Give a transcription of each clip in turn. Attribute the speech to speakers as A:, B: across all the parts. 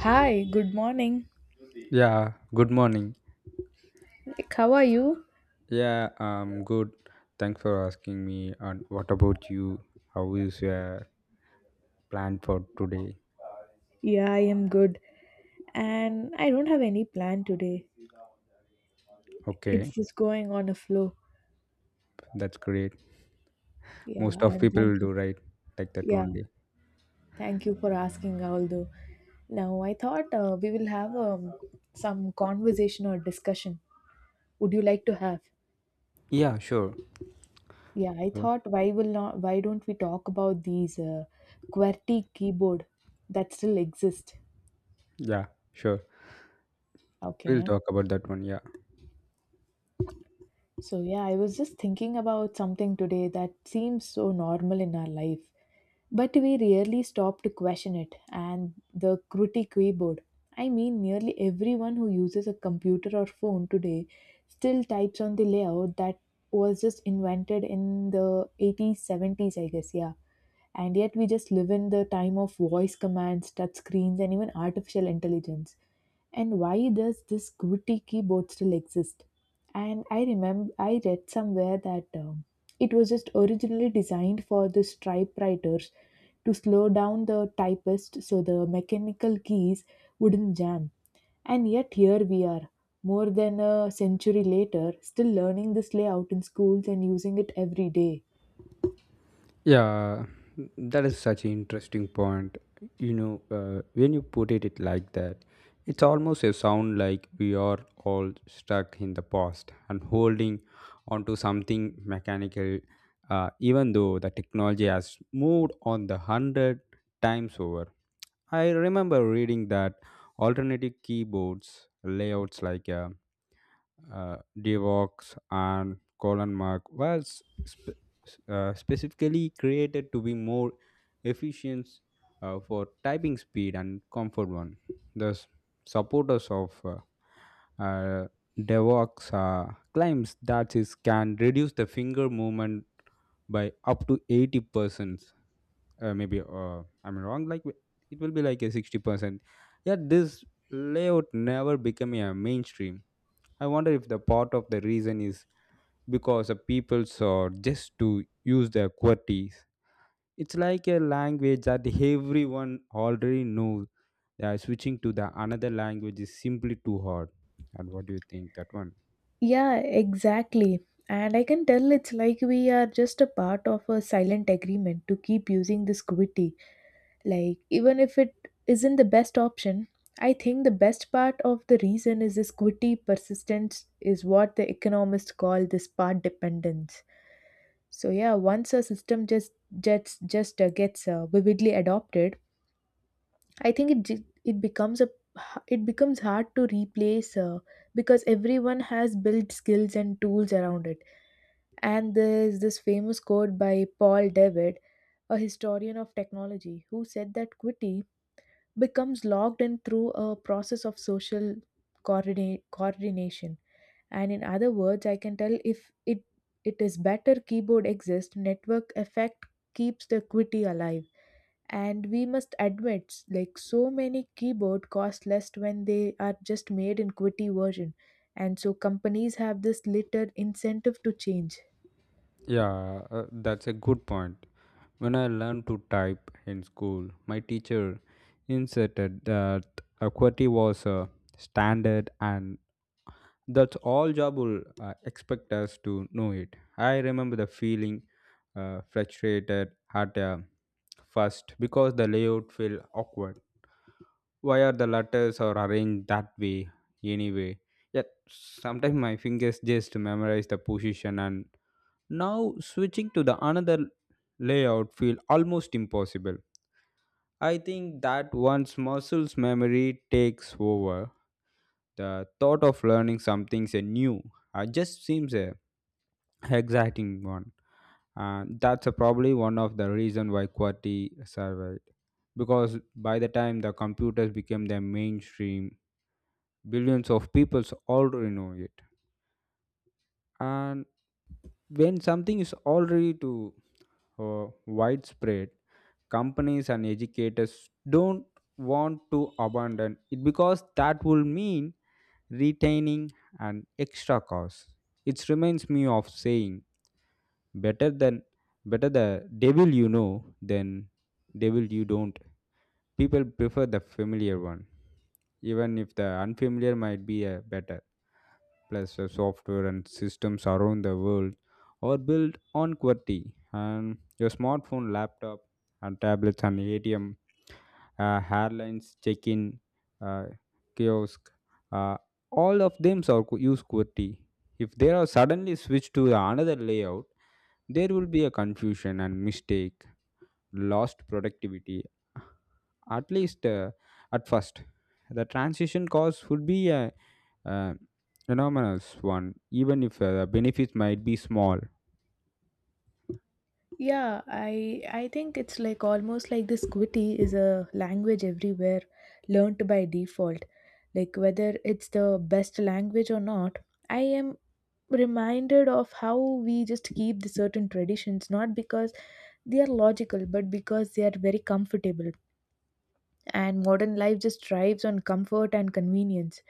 A: Hi, good morning.
B: Yeah, good morning.
A: Like, how are you?
B: Yeah, Good. Thanks for asking me. And what about you? How is your plan for today?
A: Yeah, I am good. And I don't have any plan today.
B: Okay,
A: It's just going on a flow.
B: that's great. Most
A: Yeah,
B: of
A: and
B: people will
A: thank you.
B: do right like that
A: Yeah,
B: only.
A: thank you for asking, although. Now, I thought we will have some conversation or discussion. Would you like to have?
B: Yeah, sure.
A: Yeah, I
B: Uh,
A: thought why will not why don't we talk about these QWERTY keyboard that still exist?
B: Yeah, sure. We'll
A: Okay.
B: talk about that one. Yeah.
A: So, yeah, I was just thinking about something today that seems so normal in our life, but we rarely stop to question it. And the Kruti keyboard. I mean, nearly everyone who uses a computer or phone today still types on the layout that was just invented in the 80s, 70s, I guess, yeah. And yet we just live in the time of voice commands, touch screens, and even artificial intelligence. And why does this gritty keyboard still exist? And I remember I read somewhere that it was just originally designed for the typewriters to slow down the typist so the mechanical keys wouldn't jam. And yet here we are more than a century later, still learning this layout in schools and using it every day.
B: Yeah, that is such an interesting point. When you put it like that, it's almost a sound like we are all stuck in the past and holding onto something mechanical, even though the technology has moved on the hundred times over. I remember reading that alternative keyboards layouts like Devox and colon mark was specifically created to be more efficient, for typing speed and comfort one. The supporters of uh, Devox claims that it can reduce the finger movement by up to 80%, maybe I'm wrong, like it will be like a 60%. Yet this layout never became a mainstream. I wonder if the part of the reason is because the people saw just to use their QWERTYs. It's like a language that everyone already knows. Yeah, switching to the another language is simply too hard. And what do you think that one?
A: Yeah, exactly. And I can tell it's like we are just a part of a silent agreement to keep using this gritty. Like, even if it isn't the best option, I think the best part of the reason is this gritty persistence is what the economists call this part dependence. So yeah, once a system just gets vividly adopted, I think it becomes a it becomes hard to replace because everyone has built skills and tools around it. And there's this famous quote by Paul David, a historian of technology, who said that Qwerty becomes logged in through a process of social coordination. And in other words, I can tell if it is better keyboard exists, network effect keeps the equity alive. And we must admit, like, so many keyboard cost less when they are just made in QWERTY version, and so companies have this little incentive to change.
B: Yeah, that's a good point. When I learned to type in school, my teacher insisted that equity was a standard and that's all job will expect us to know it. I remember the feeling frustrated at first, because the layout felt awkward. Why are the letters are arranged that way anyway? Yet sometimes my fingers just memorize the position, and now switching to the another layout feel almost impossible. I think that once muscles memory takes over, the thought of learning something say new just seems a exciting one. And that's a probably one of the reason why QWERTY survived. Because by the time the computers became the mainstream, billions of people already know it. And when something is already to widespread, companies and educators don't want to abandon it because that will mean retaining an extra cost. It reminds me of saying better than better the devil you know than devil you don't. People prefer the familiar one, even if the unfamiliar might be a better, plus the software and systems around the world are built on QWERTY, and your smartphone, laptop, and tablets and ATM, airlines, check-in, uh, kiosk, uh, all of them use QWERTY. If they are suddenly switched to the another layout, there will be a confusion and mistake, lost productivity, at least at first. The transition cost would be a uh, enormous one, even if the benefits might be small.
A: Yeah, I think it's like almost like this Quiti is a language everywhere learned by default. Like whether it's the best language or not, I am reminded of how we just keep the certain traditions not because they are logical but because they are very comfortable, and modern life just thrives on comfort and convenience.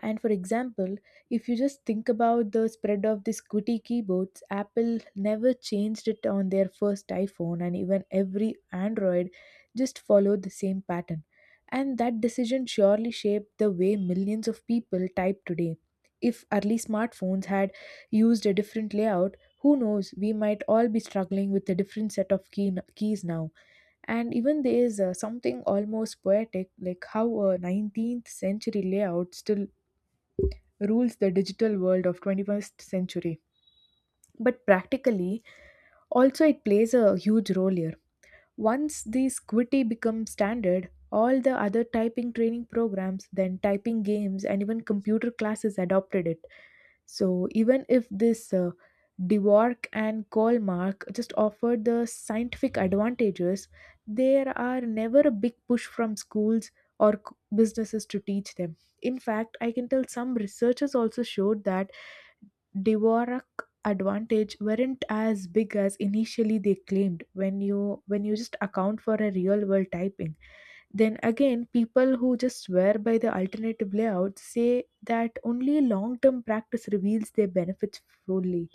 A: And for example, if you just think about the spread of these QWERTY keyboards, Apple never changed it on their first iPhone, and even every Android just followed the same pattern. And that decision surely shaped the way millions of people type today. If early smartphones had used a different layout, who knows, we might all be struggling with a different set of keys now. And even there is something almost poetic, like how a 19th century layout still rules the digital world of 21st century. But practically, also it plays a huge role here. Once this Quitti becomes standard, all the other typing training programs, then typing games, and even computer classes adopted it. So even if this Dwork and Kolmark just offered the scientific advantages, there are never a big push from schools or businesses to teach them. In fact, I can tell some researchers also showed that Dvorak advantage weren't as big as initially they claimed when you just account for a real world typing. Then again, people who just swear by the alternative layout say that only long term practice reveals their benefits fully.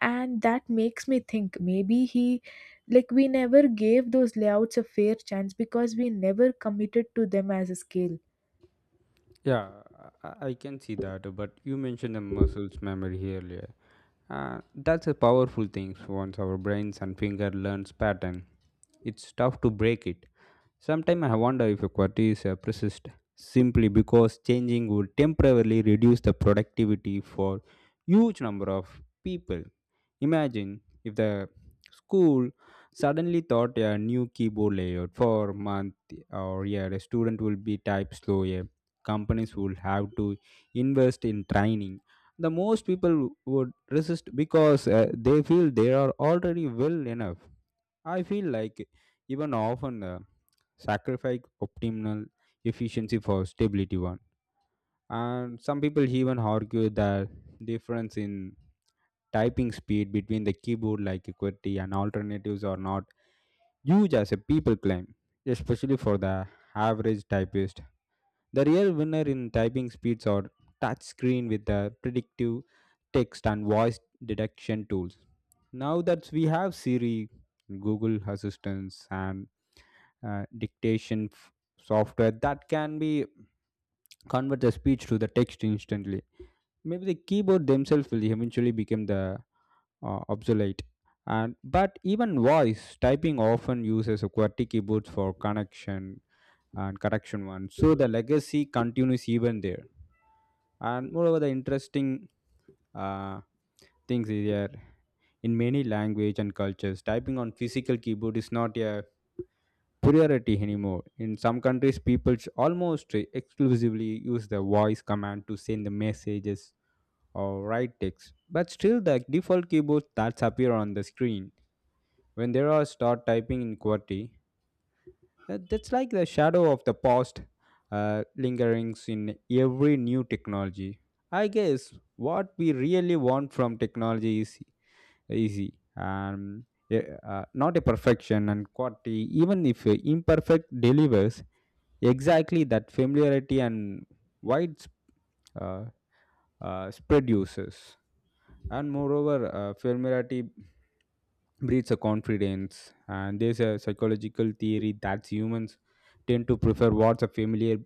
A: And that makes me think maybe he like we never gave those layouts a fair chance because we never committed to them as a scale.
B: Yeah, I can see that, but you mentioned the muscles memory earlier. That's a powerful thing. Once our brains and finger learns pattern, it's tough to break it. Sometimes I wonder if a quality is persist simply because changing would temporarily reduce the productivity for huge number of people. Imagine if the school suddenly thought a new keyboard layout for a month or year, a student will be type slow. A companies will have to invest in training, the most people would resist because they feel they are already well enough. I feel like even often sacrifice optimal efficiency for stability one, and some people even argue that difference in typing speed between the keyboard like equity and alternatives are not huge as a people claim, especially for the average typist. The real winner in typing speeds are touch screen with the predictive text and voice detection tools. Now that we have Siri, Google Assistants, and uh, dictation f- software that can be convert the speech to the text instantly. Maybe the keyboard themselves will eventually become the obsolete. And but even voice typing often uses a QWERTY keyboards for connection and correction one, so the legacy continues even there. And moreover the interesting uh, things is here, in many language and cultures typing on physical keyboard is not a priority anymore. In some countries people almost exclusively use the voice command to send the messages or write text, but still the default keyboards that appear on the screen when they are start typing in qwerty. That's like the shadow of the past, lingerings in every new technology. I guess what we really want from technology is easy and not a perfection and quality, even if imperfect delivers exactly that familiarity and wide uh, spread uses. And moreover, familiarity breeds a confidence, and there's a psychological theory that humans tend to prefer what's a familiar,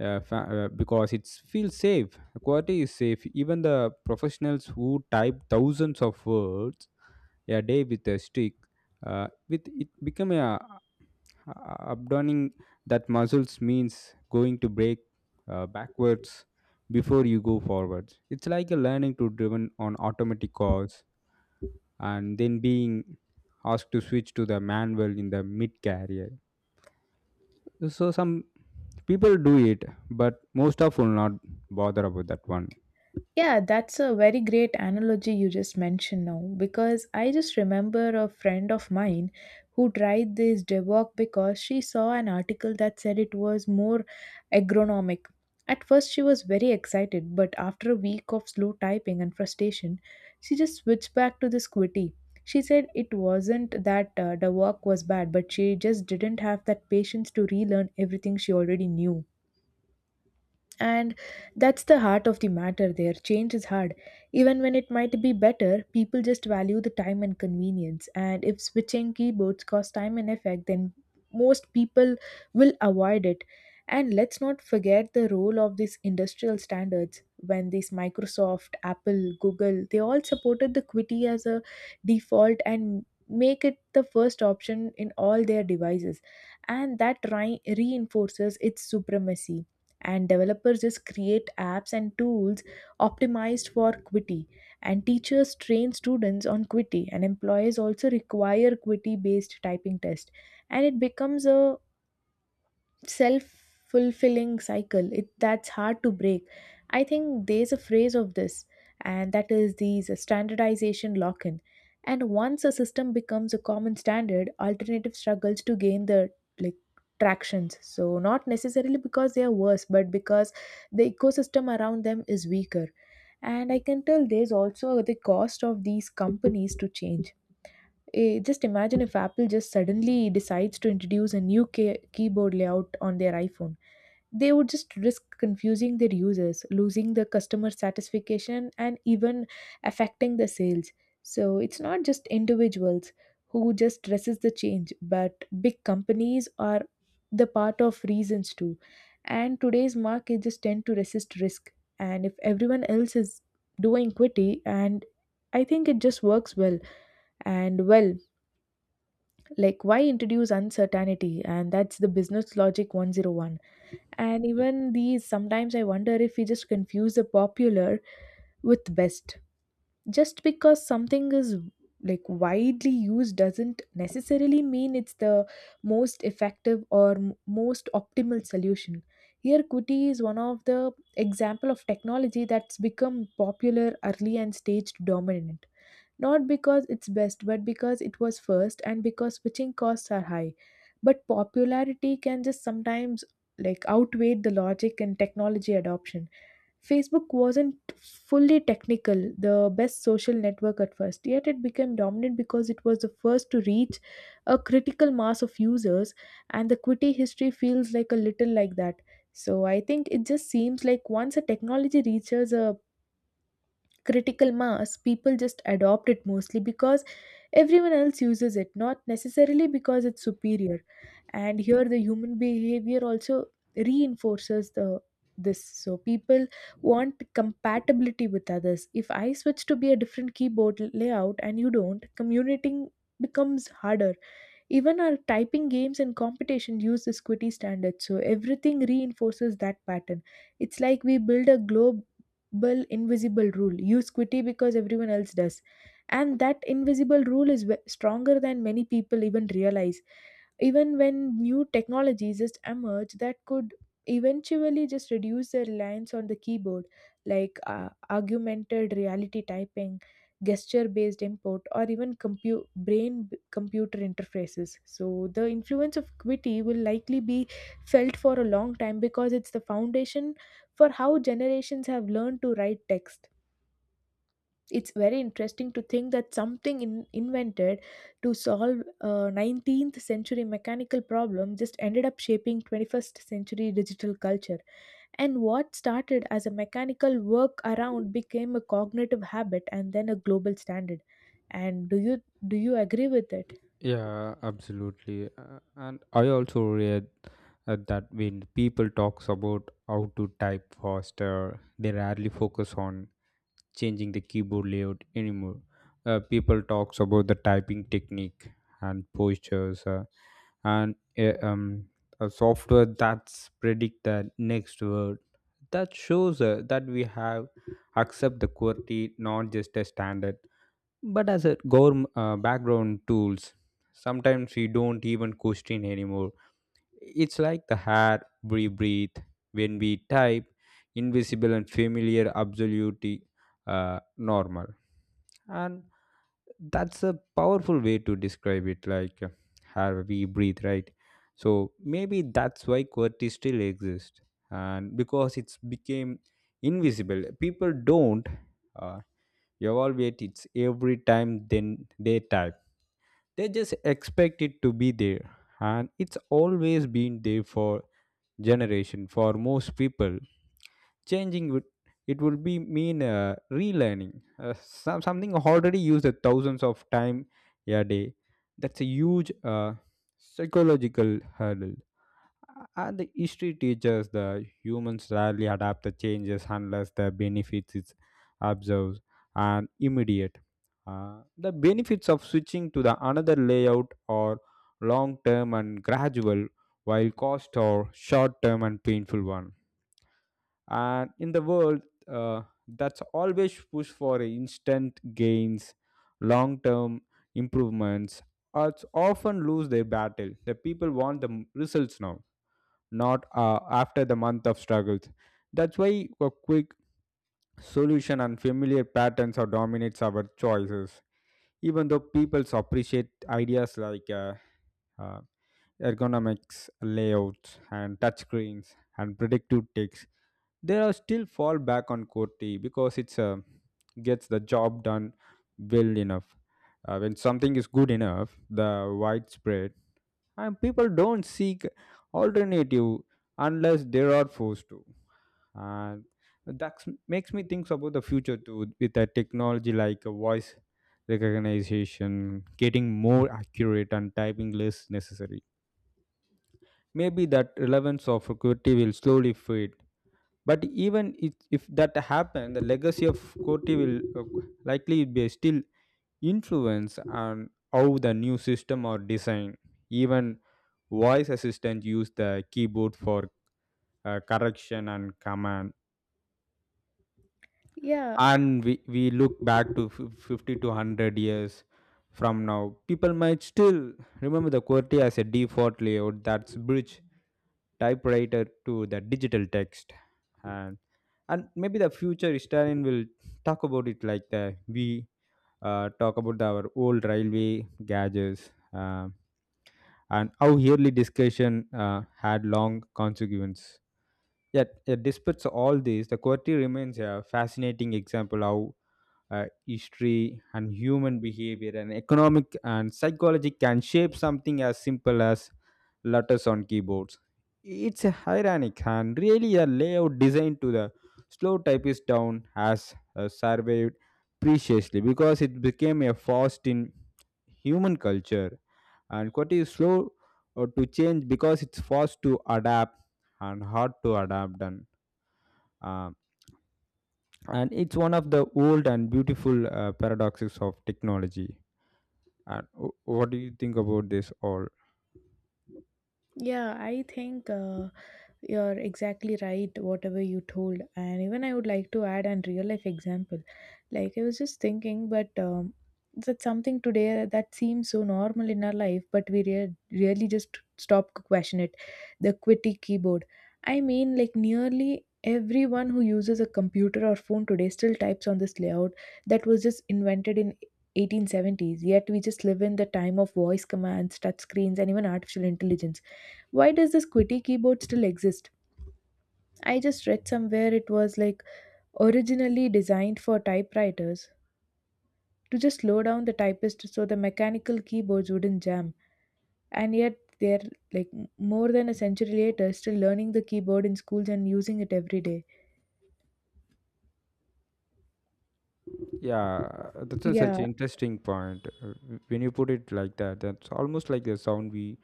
B: because it feels safe. The quality is safe, even the professionals who type thousands of words a day with a stick with it become a abdoning that muscles means going to break backwards before you go forwards. It's like a learning to driven on automatic cars and then being asked to switch to the manual in the mid career. So some people do it, but most of will not bother about that one.
A: Yeah, that's a very great analogy you just mentioned now, because I just remember a friend of mine who tried this DevOps because she saw an article that said it was more agronomic. At first, she was very excited, but after a week of slow typing and frustration, she just switched back to this QWERTY. She said it wasn't that the work was bad, but she just didn't have that patience to relearn everything she already knew. And that's the heart of the matter there. Change is hard. Even when it might be better, people just value the time and convenience. And if switching keyboards costs time and effort, then most people will avoid it. And let's not forget the role of these industrial standards. When these Microsoft, Apple, Google, they all supported the Qwerty as a default and make it the first option in all their devices. And that reinforces its supremacy, and developers just create apps and tools optimized for Qwerty, and teachers train students on Qwerty, and employers also require Qwerty based typing test. And it becomes a self fulfilling cycle it that's hard to break. I think there's a phrase of this, and that is these standardization lock in. And once a system becomes a common standard, alternative struggles to gain the, like, tractions, so not necessarily because they are worse, but because the ecosystem around them is weaker. And I can tell there's also the cost of these companies to change. Eh, just imagine if Apple just suddenly decides to introduce a new keyboard layout on their iPhone. They would just risk confusing their users, losing the customer satisfaction, and even affecting the sales. So it's not just individuals who just resist the change, but big companies are the part of reasons too. And today's market just tend to resist risk. And if everyone else is doing equity, and I think it just works well and well, like, why introduce uncertainty? And that's the business logic 101. And even these, sometimes I wonder if we just confuse the popular with best. Just because something is like widely used doesn't necessarily mean it's the most effective or most optimal solution. Here kuti is one of the example of technology that's become popular early and staged dominant, not because it's best, but because it was first and because switching costs are high. But popularity can just sometimes like outweigh the logic and technology adoption. Facebook wasn't fully technical, the best social network at first, yet it became dominant because it was the first to reach a critical mass of users, and the Quitty history feels like a little like that. So I think it just seems like once a technology reaches a critical mass, people just adopt it mostly because everyone else uses it, not necessarily because it's superior. And here the human behavior also reinforces the this, so people want compatibility with others. If I switch to be a different keyboard layout and you don't, communicating becomes harder. Even our typing games and competition use this Qwerty standard, so everything reinforces that pattern. It's like we build a global invisible rule. Use Qwerty because everyone else does. And that invisible rule is stronger than many people even realize, even when new technologies just emerge that could eventually just reduce their reliance on the keyboard, like augmented reality typing, gesture based input, or even brain computer interfaces. So the influence of qwerty will likely be felt for a long time, because it's the foundation for how generations have learned to write text. It's very interesting to think that something invented to solve a 19th century mechanical problem just ended up shaping 21st century digital culture. And what started as a mechanical work around became a cognitive habit and then a global standard. And do you agree with it?
B: Yeah, absolutely. And I also read that when people talks about how to type faster, they rarely focus on changing the keyboard layout anymore. People talks about the typing technique and postures, and a software that's predict the next word. That shows that we have accept the quality, not just a standard, but as a government background tools. Sometimes we don't even question anymore, it's like the air we breathe when we type, invisible and familiar, absolutely normal. And that's a powerful way to describe it, like how we breathe, right? So maybe that's why QWERTY still exists, and because it's became invisible, people don't uh, evaluate it every time then they type. They just expect it to be there, and it's always been there for generation. For most people changing would, it would be mean relearning something already used a thousands of time a day. That's a huge psychological hurdle, and the history teaches the humans rarely adapt the changes unless the benefits is observed and immediate. The benefits of switching to the another layout are long term and gradual, while cost are short term and painful one. And in the world, uh, that's always push for instant gains, long term improvements, or often lose their battle. The people want the results now, not after the month of struggles. That's why a quick solution and familiar patterns are dominates our choices. Even though people appreciate ideas like uh, ergonomics, layouts, and touchscreens and predictive ticks, they are still fall back on QWERTY because it's gets the job done well enough. When something is good enough, the widespread, and people don't seek alternative unless they are forced to. And that makes me think about the future too, with a technology like a voice recognition getting more accurate and typing less necessary, maybe that relevance of qwerty will slowly fade. But even if that happens, the legacy of qwerty will likely be still influence on how the new system are designed. Even voice assistant use the keyboard for correction and command.
A: Yeah,
B: And we look back to 50 to 100 years from now, people might still remember the qwerty as a default layout that's bridge typewriter to the digital text. and and maybe the future historian will talk about it like the we talk about our old railway gadgets, and how yearly discussion had long consequences. Yet despite all this, the QWERTY remains a fascinating example how history and human behavior and economic and psychology can shape something as simple as letters on keyboards. It's a ironic, and really a layout designed to the slow typist down has surveyed preciously because it became a fast in human culture. And Qwerty is slow to change because it's fast to adapt and hard to adapt, and uh, and it's one of the old and beautiful paradoxes of technology. And what do you think about this all?
A: yeah, I think you're exactly right, whatever you told. And even I would like to add an real life example. Like, I was just thinking, but that's something today that seems so normal in our life, but we really just stop to question it. The QWERTY keyboard. I mean, like, nearly everyone who uses a computer or phone today still types on this layout that was just invented in 1870s. Yet we just live in the time of voice commands, touch screens, and even artificial intelligence. Why does this qwerty keyboard still exist? I just read somewhere it was like originally designed for typewriters to just slow down the typist so the mechanical keyboards wouldn't jam. And yet they're like more than a century later still learning the keyboard in schools and using it every day.
B: Yeah, that's a such
A: Yeah,
B: interesting point. When you put it like that, that's almost like the sound we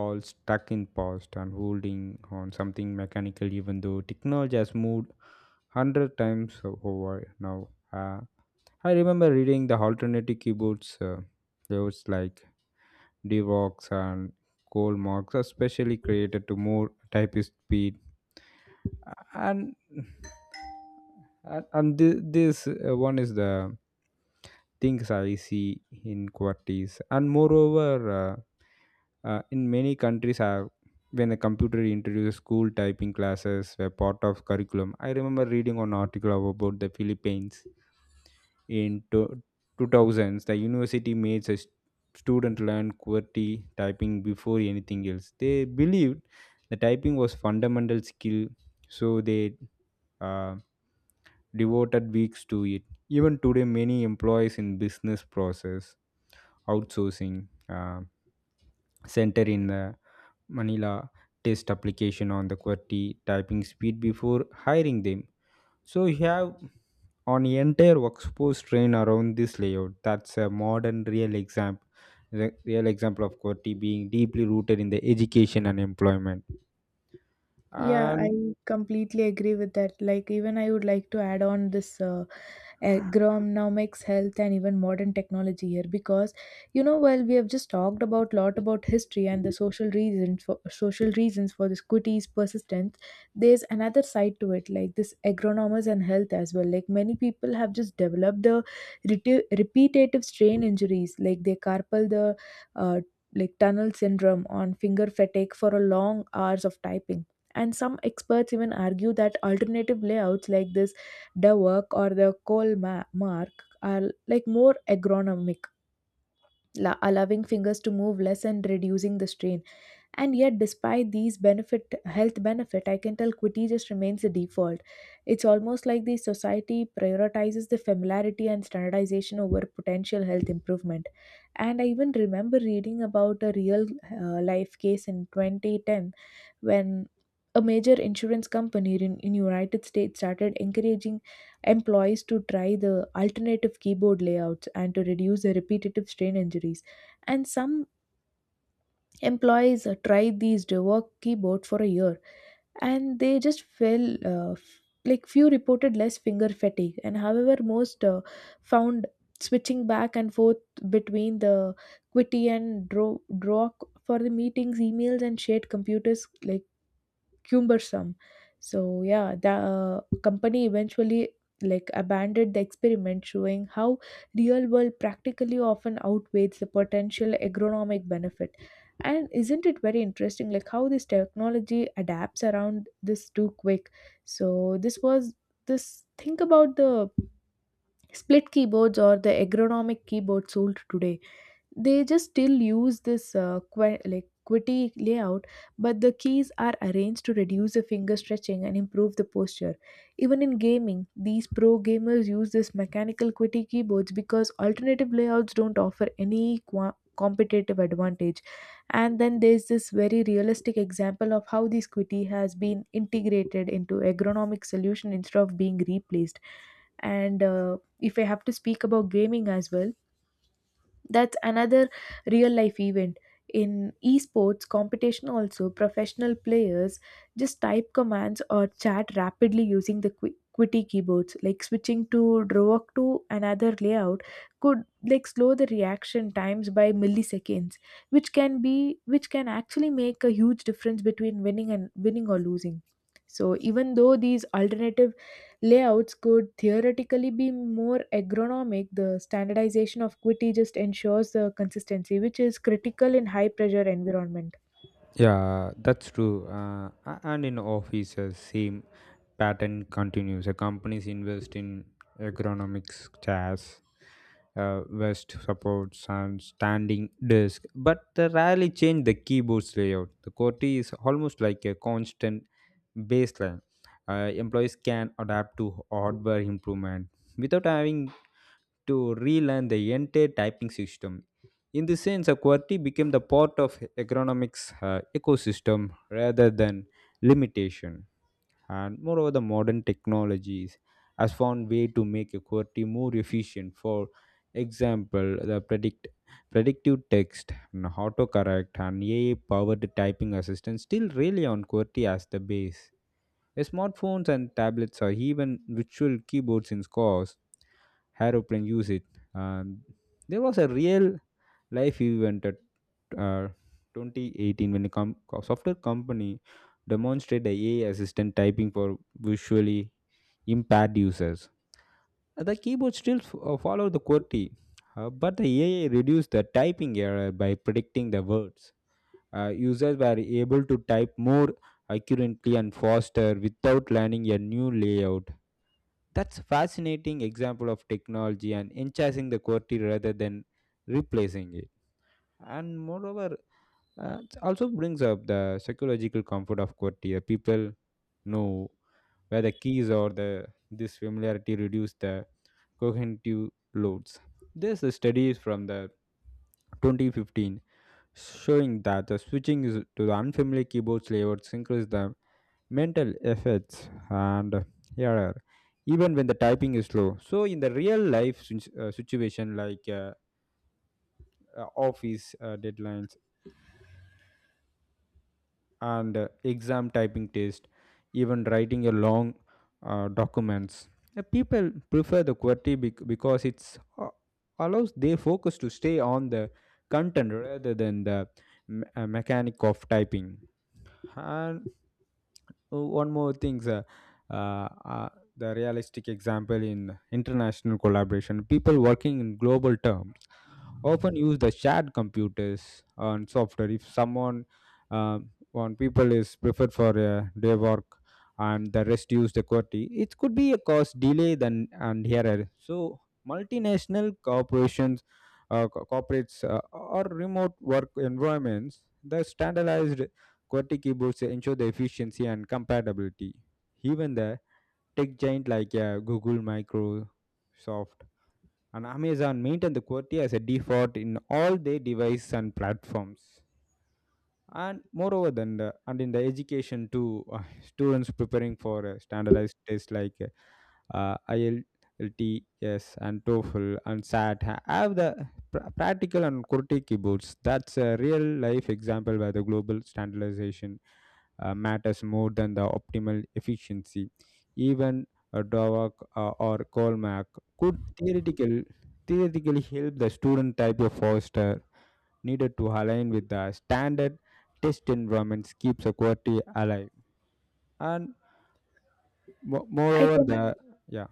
B: all stuck in past and holding on something mechanical, even though technology has moved 100 times over now. I remember reading the alternative keyboards. There was like Devox and coal marks are specially created to move typist speed. And and this one is the things I see in QWERTYs. And moreover, in many countries, have when a computer introduces school typing classes were part of curriculum. I remember reading an article about the Philippines in 2000s. The university made such student learned QWERTY typing before anything else. They believed the typing was fundamental skill, so they uh, devoted weeks to it. Even today, many employees in business process outsourcing center in the Manila test application on the QWERTY typing speed before hiring them. So you have on entire workforce train around this layout. That's a modern real example real example of qwerty being deeply rooted in the education and employment
A: yeah, I
B: and
A: completely agree with that. Like even I would like to add on this agronomics health and even modern technology here because you know while we have just talked about lot about history and the social reasons for this quitty's persistence. There's another side to it, like this agronomers and health as well. Like many people have just developed the repetitive strain injuries, like they carpal the uh, like tunnel syndrome on finger fatigue for a long hours of typing. And some experts even argue that alternative layouts like this the work or the mark are like more agronomic, allowing fingers to move less and reducing the strain. And yet, despite these benefit, health benefit, I can tell quitty just remains the default. It's almost like the society prioritizes the familiarity and standardization over potential health improvement. And I even remember reading about a real life case in 2010, when a major insurance company in United States started encouraging employees to try the alternative keyboard layouts and to reduce the repetitive strain injuries. And some employees tried these rework keyboard for a year, and they just fell f- like few reported less finger fatigue. And however, most found switching back and forth between the quitty and draw for the meetings, emails, and shared computers, like cumbersome. So yeah, the company eventually like abandoned the experiment, showing how real world practically often outweighs the potential agronomic benefit. And isn't it very interesting, like how this technology adapts around this too quick? So this was this. Think about the split keyboards or the agronomic keyboard sold today, they just still use this QWERTY layout, but the keys are arranged to reduce the finger stretching and improve the posture. Even in gaming, these pro gamers use this mechanical QWERTY keyboards because alternative layouts don't offer any qua competitive advantage. And then there's this very realistic example of how this QWERTY has been integrated into ergonomic solution instead of being replaced. And if I have to speak about gaming as well, that's another real life event. In esports competition, also professional players just type commands or chat rapidly using the quitty keyboards, like switching to draw to another layout could like slow the reaction times by milliseconds, which can be which can actually make a huge difference between winning and winning or losing. So even though these alternative layouts could theoretically be more ergonomic, the standardization of Qt just ensures the consistency, which is critical in high pressure environment.
B: yeah, that's true. And in offices same pattern continues. A companies invest in ergonomics chairs, vest supports and standing desk, but they rarely change the keyboard's layout. The qwerty is almost like a constant baseline. Employees can adapt to hardware improvement without having to relearn the entire typing system. In this sense, a QWERTY became the part of economics ecosystem rather than limitation. And moreover, the modern technologies has found way to make a QWERTY more efficient. For example, the predictive text, and autocorrect, and AI-powered typing assistant still rely on QWERTY as the base. Smartphones and tablets are even virtual keyboards in scores. Aeroplane use it. Um, there was a real life event at uh, 2018 when a software company demonstrated a AI assistant typing for visually impaired users. The keyboard still follow the QWERTY, but the AI reduced the typing error by predicting the words. Users were able to type more accurately and faster without learning a new layout. That's fascinating example of technology and enhancing the quality rather than replacing it. And moreover, it also brings up the psychological comfort of quality. People know where the keys are. The This familiarity reduce the cognitive loads. This studies from the 2015 showing that the to the unfamiliar keyboard layouts increase the mental effects and error, even when the typing is slow. So, in the real life situation like office deadlines and exam typing test, even writing a long documents, people prefer the QWERTY because it's allows their focus to stay on the content rather than the mechanic of typing. And one more thing, sir. Uh, uh, the realistic example in international collaboration, people working in global terms often use the shared computers and software. If someone, one people is preferred for a day work and the rest use the QWERTY, it could be a cause delay than and error. So multinational corporations, corporates or remote work environments, the standardized QWERTY keyboards ensure the efficiency and compatibility. Even the tech giant like Google, Microsoft, and Amazon maintain the QWERTY as a default in all their devices and platforms. And moreover than the and in the education too, students preparing for standardized tests like IELTS and TOEFL and SAT have the practical and QWERTY keyboards. That's a real life example where the global standardization matters more than the optimal efficiency, even Dovak or Colmac could theoretically help the student type of foster needed to align with the standard test environments keeps the quality alive. And
A: I
B: moreover,
A: can
B: the yeah.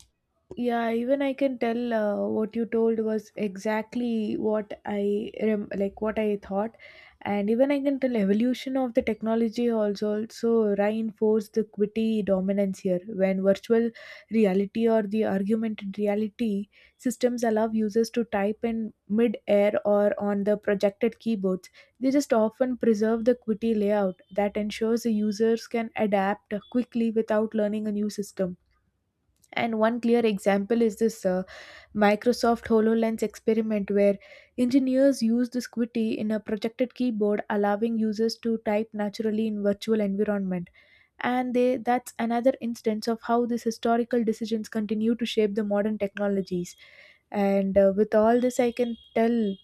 A: yeah, even I can tell what you told was exactly what I rem- like what I thought. And even I can tell evolution of the technology also reinforce the equity dominance here. When virtual reality or the augmented reality systems allow users to type in mid-air or on the projected keyboards, they just often preserve the equity layout that ensures the users can adapt quickly without learning a new system. And one clear example is this Microsoft HoloLens experiment, where engineers used this Qwerty in a projected keyboard, allowing users to type naturally in virtual environment. And they, that's another instance of how these historical decisions continue to shape the modern technologies. And with all this, I can tell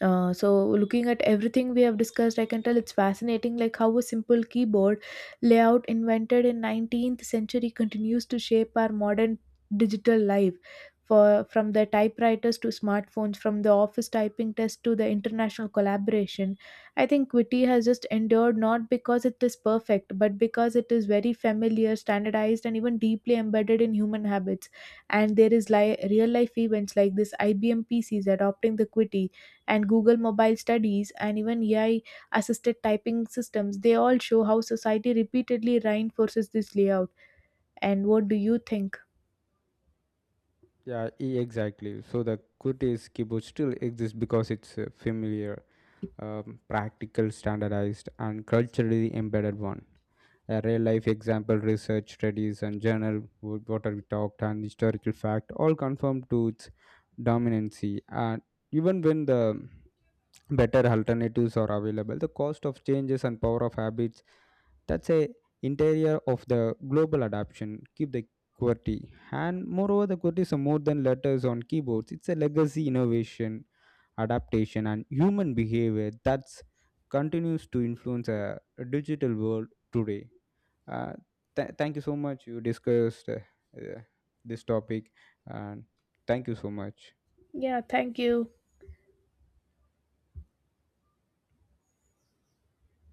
A: so looking at everything we have discussed, I can tell it's fascinating like how a simple keyboard layout invented in 19th century continues to shape our modern digital life. For from the typewriters to smartphones, from the office typing test to the international collaboration, I think QWERTY has just endured not because it is perfect, but because it is very familiar, standardized, and even deeply embedded in human habits. And there is real life events like this IBM PCs adopting the QWERTY and Google mobile studies and even AI assisted typing systems, they all show how society repeatedly reinforces this layout. And what do you think?
B: Yeah, exactly. So the Kurtis keyboard still exists because it's a familiar, practical, standardized, and culturally embedded one. A real life example, research studies and journal what are we talked and historical fact all confirm to its dominancy. And even when the better alternatives are available, the cost of changes and power of habits, that's a interior of the global adoption, keep the qwerty. And moreover, the qwerty is a more than letters on keyboards. It's a legacy innovation, adaptation, and human behavior that continues to influence a digital world today. Uh, Thank you so much. You discussed uh, this topic, and thank you so much.
A: Yeah, thank you.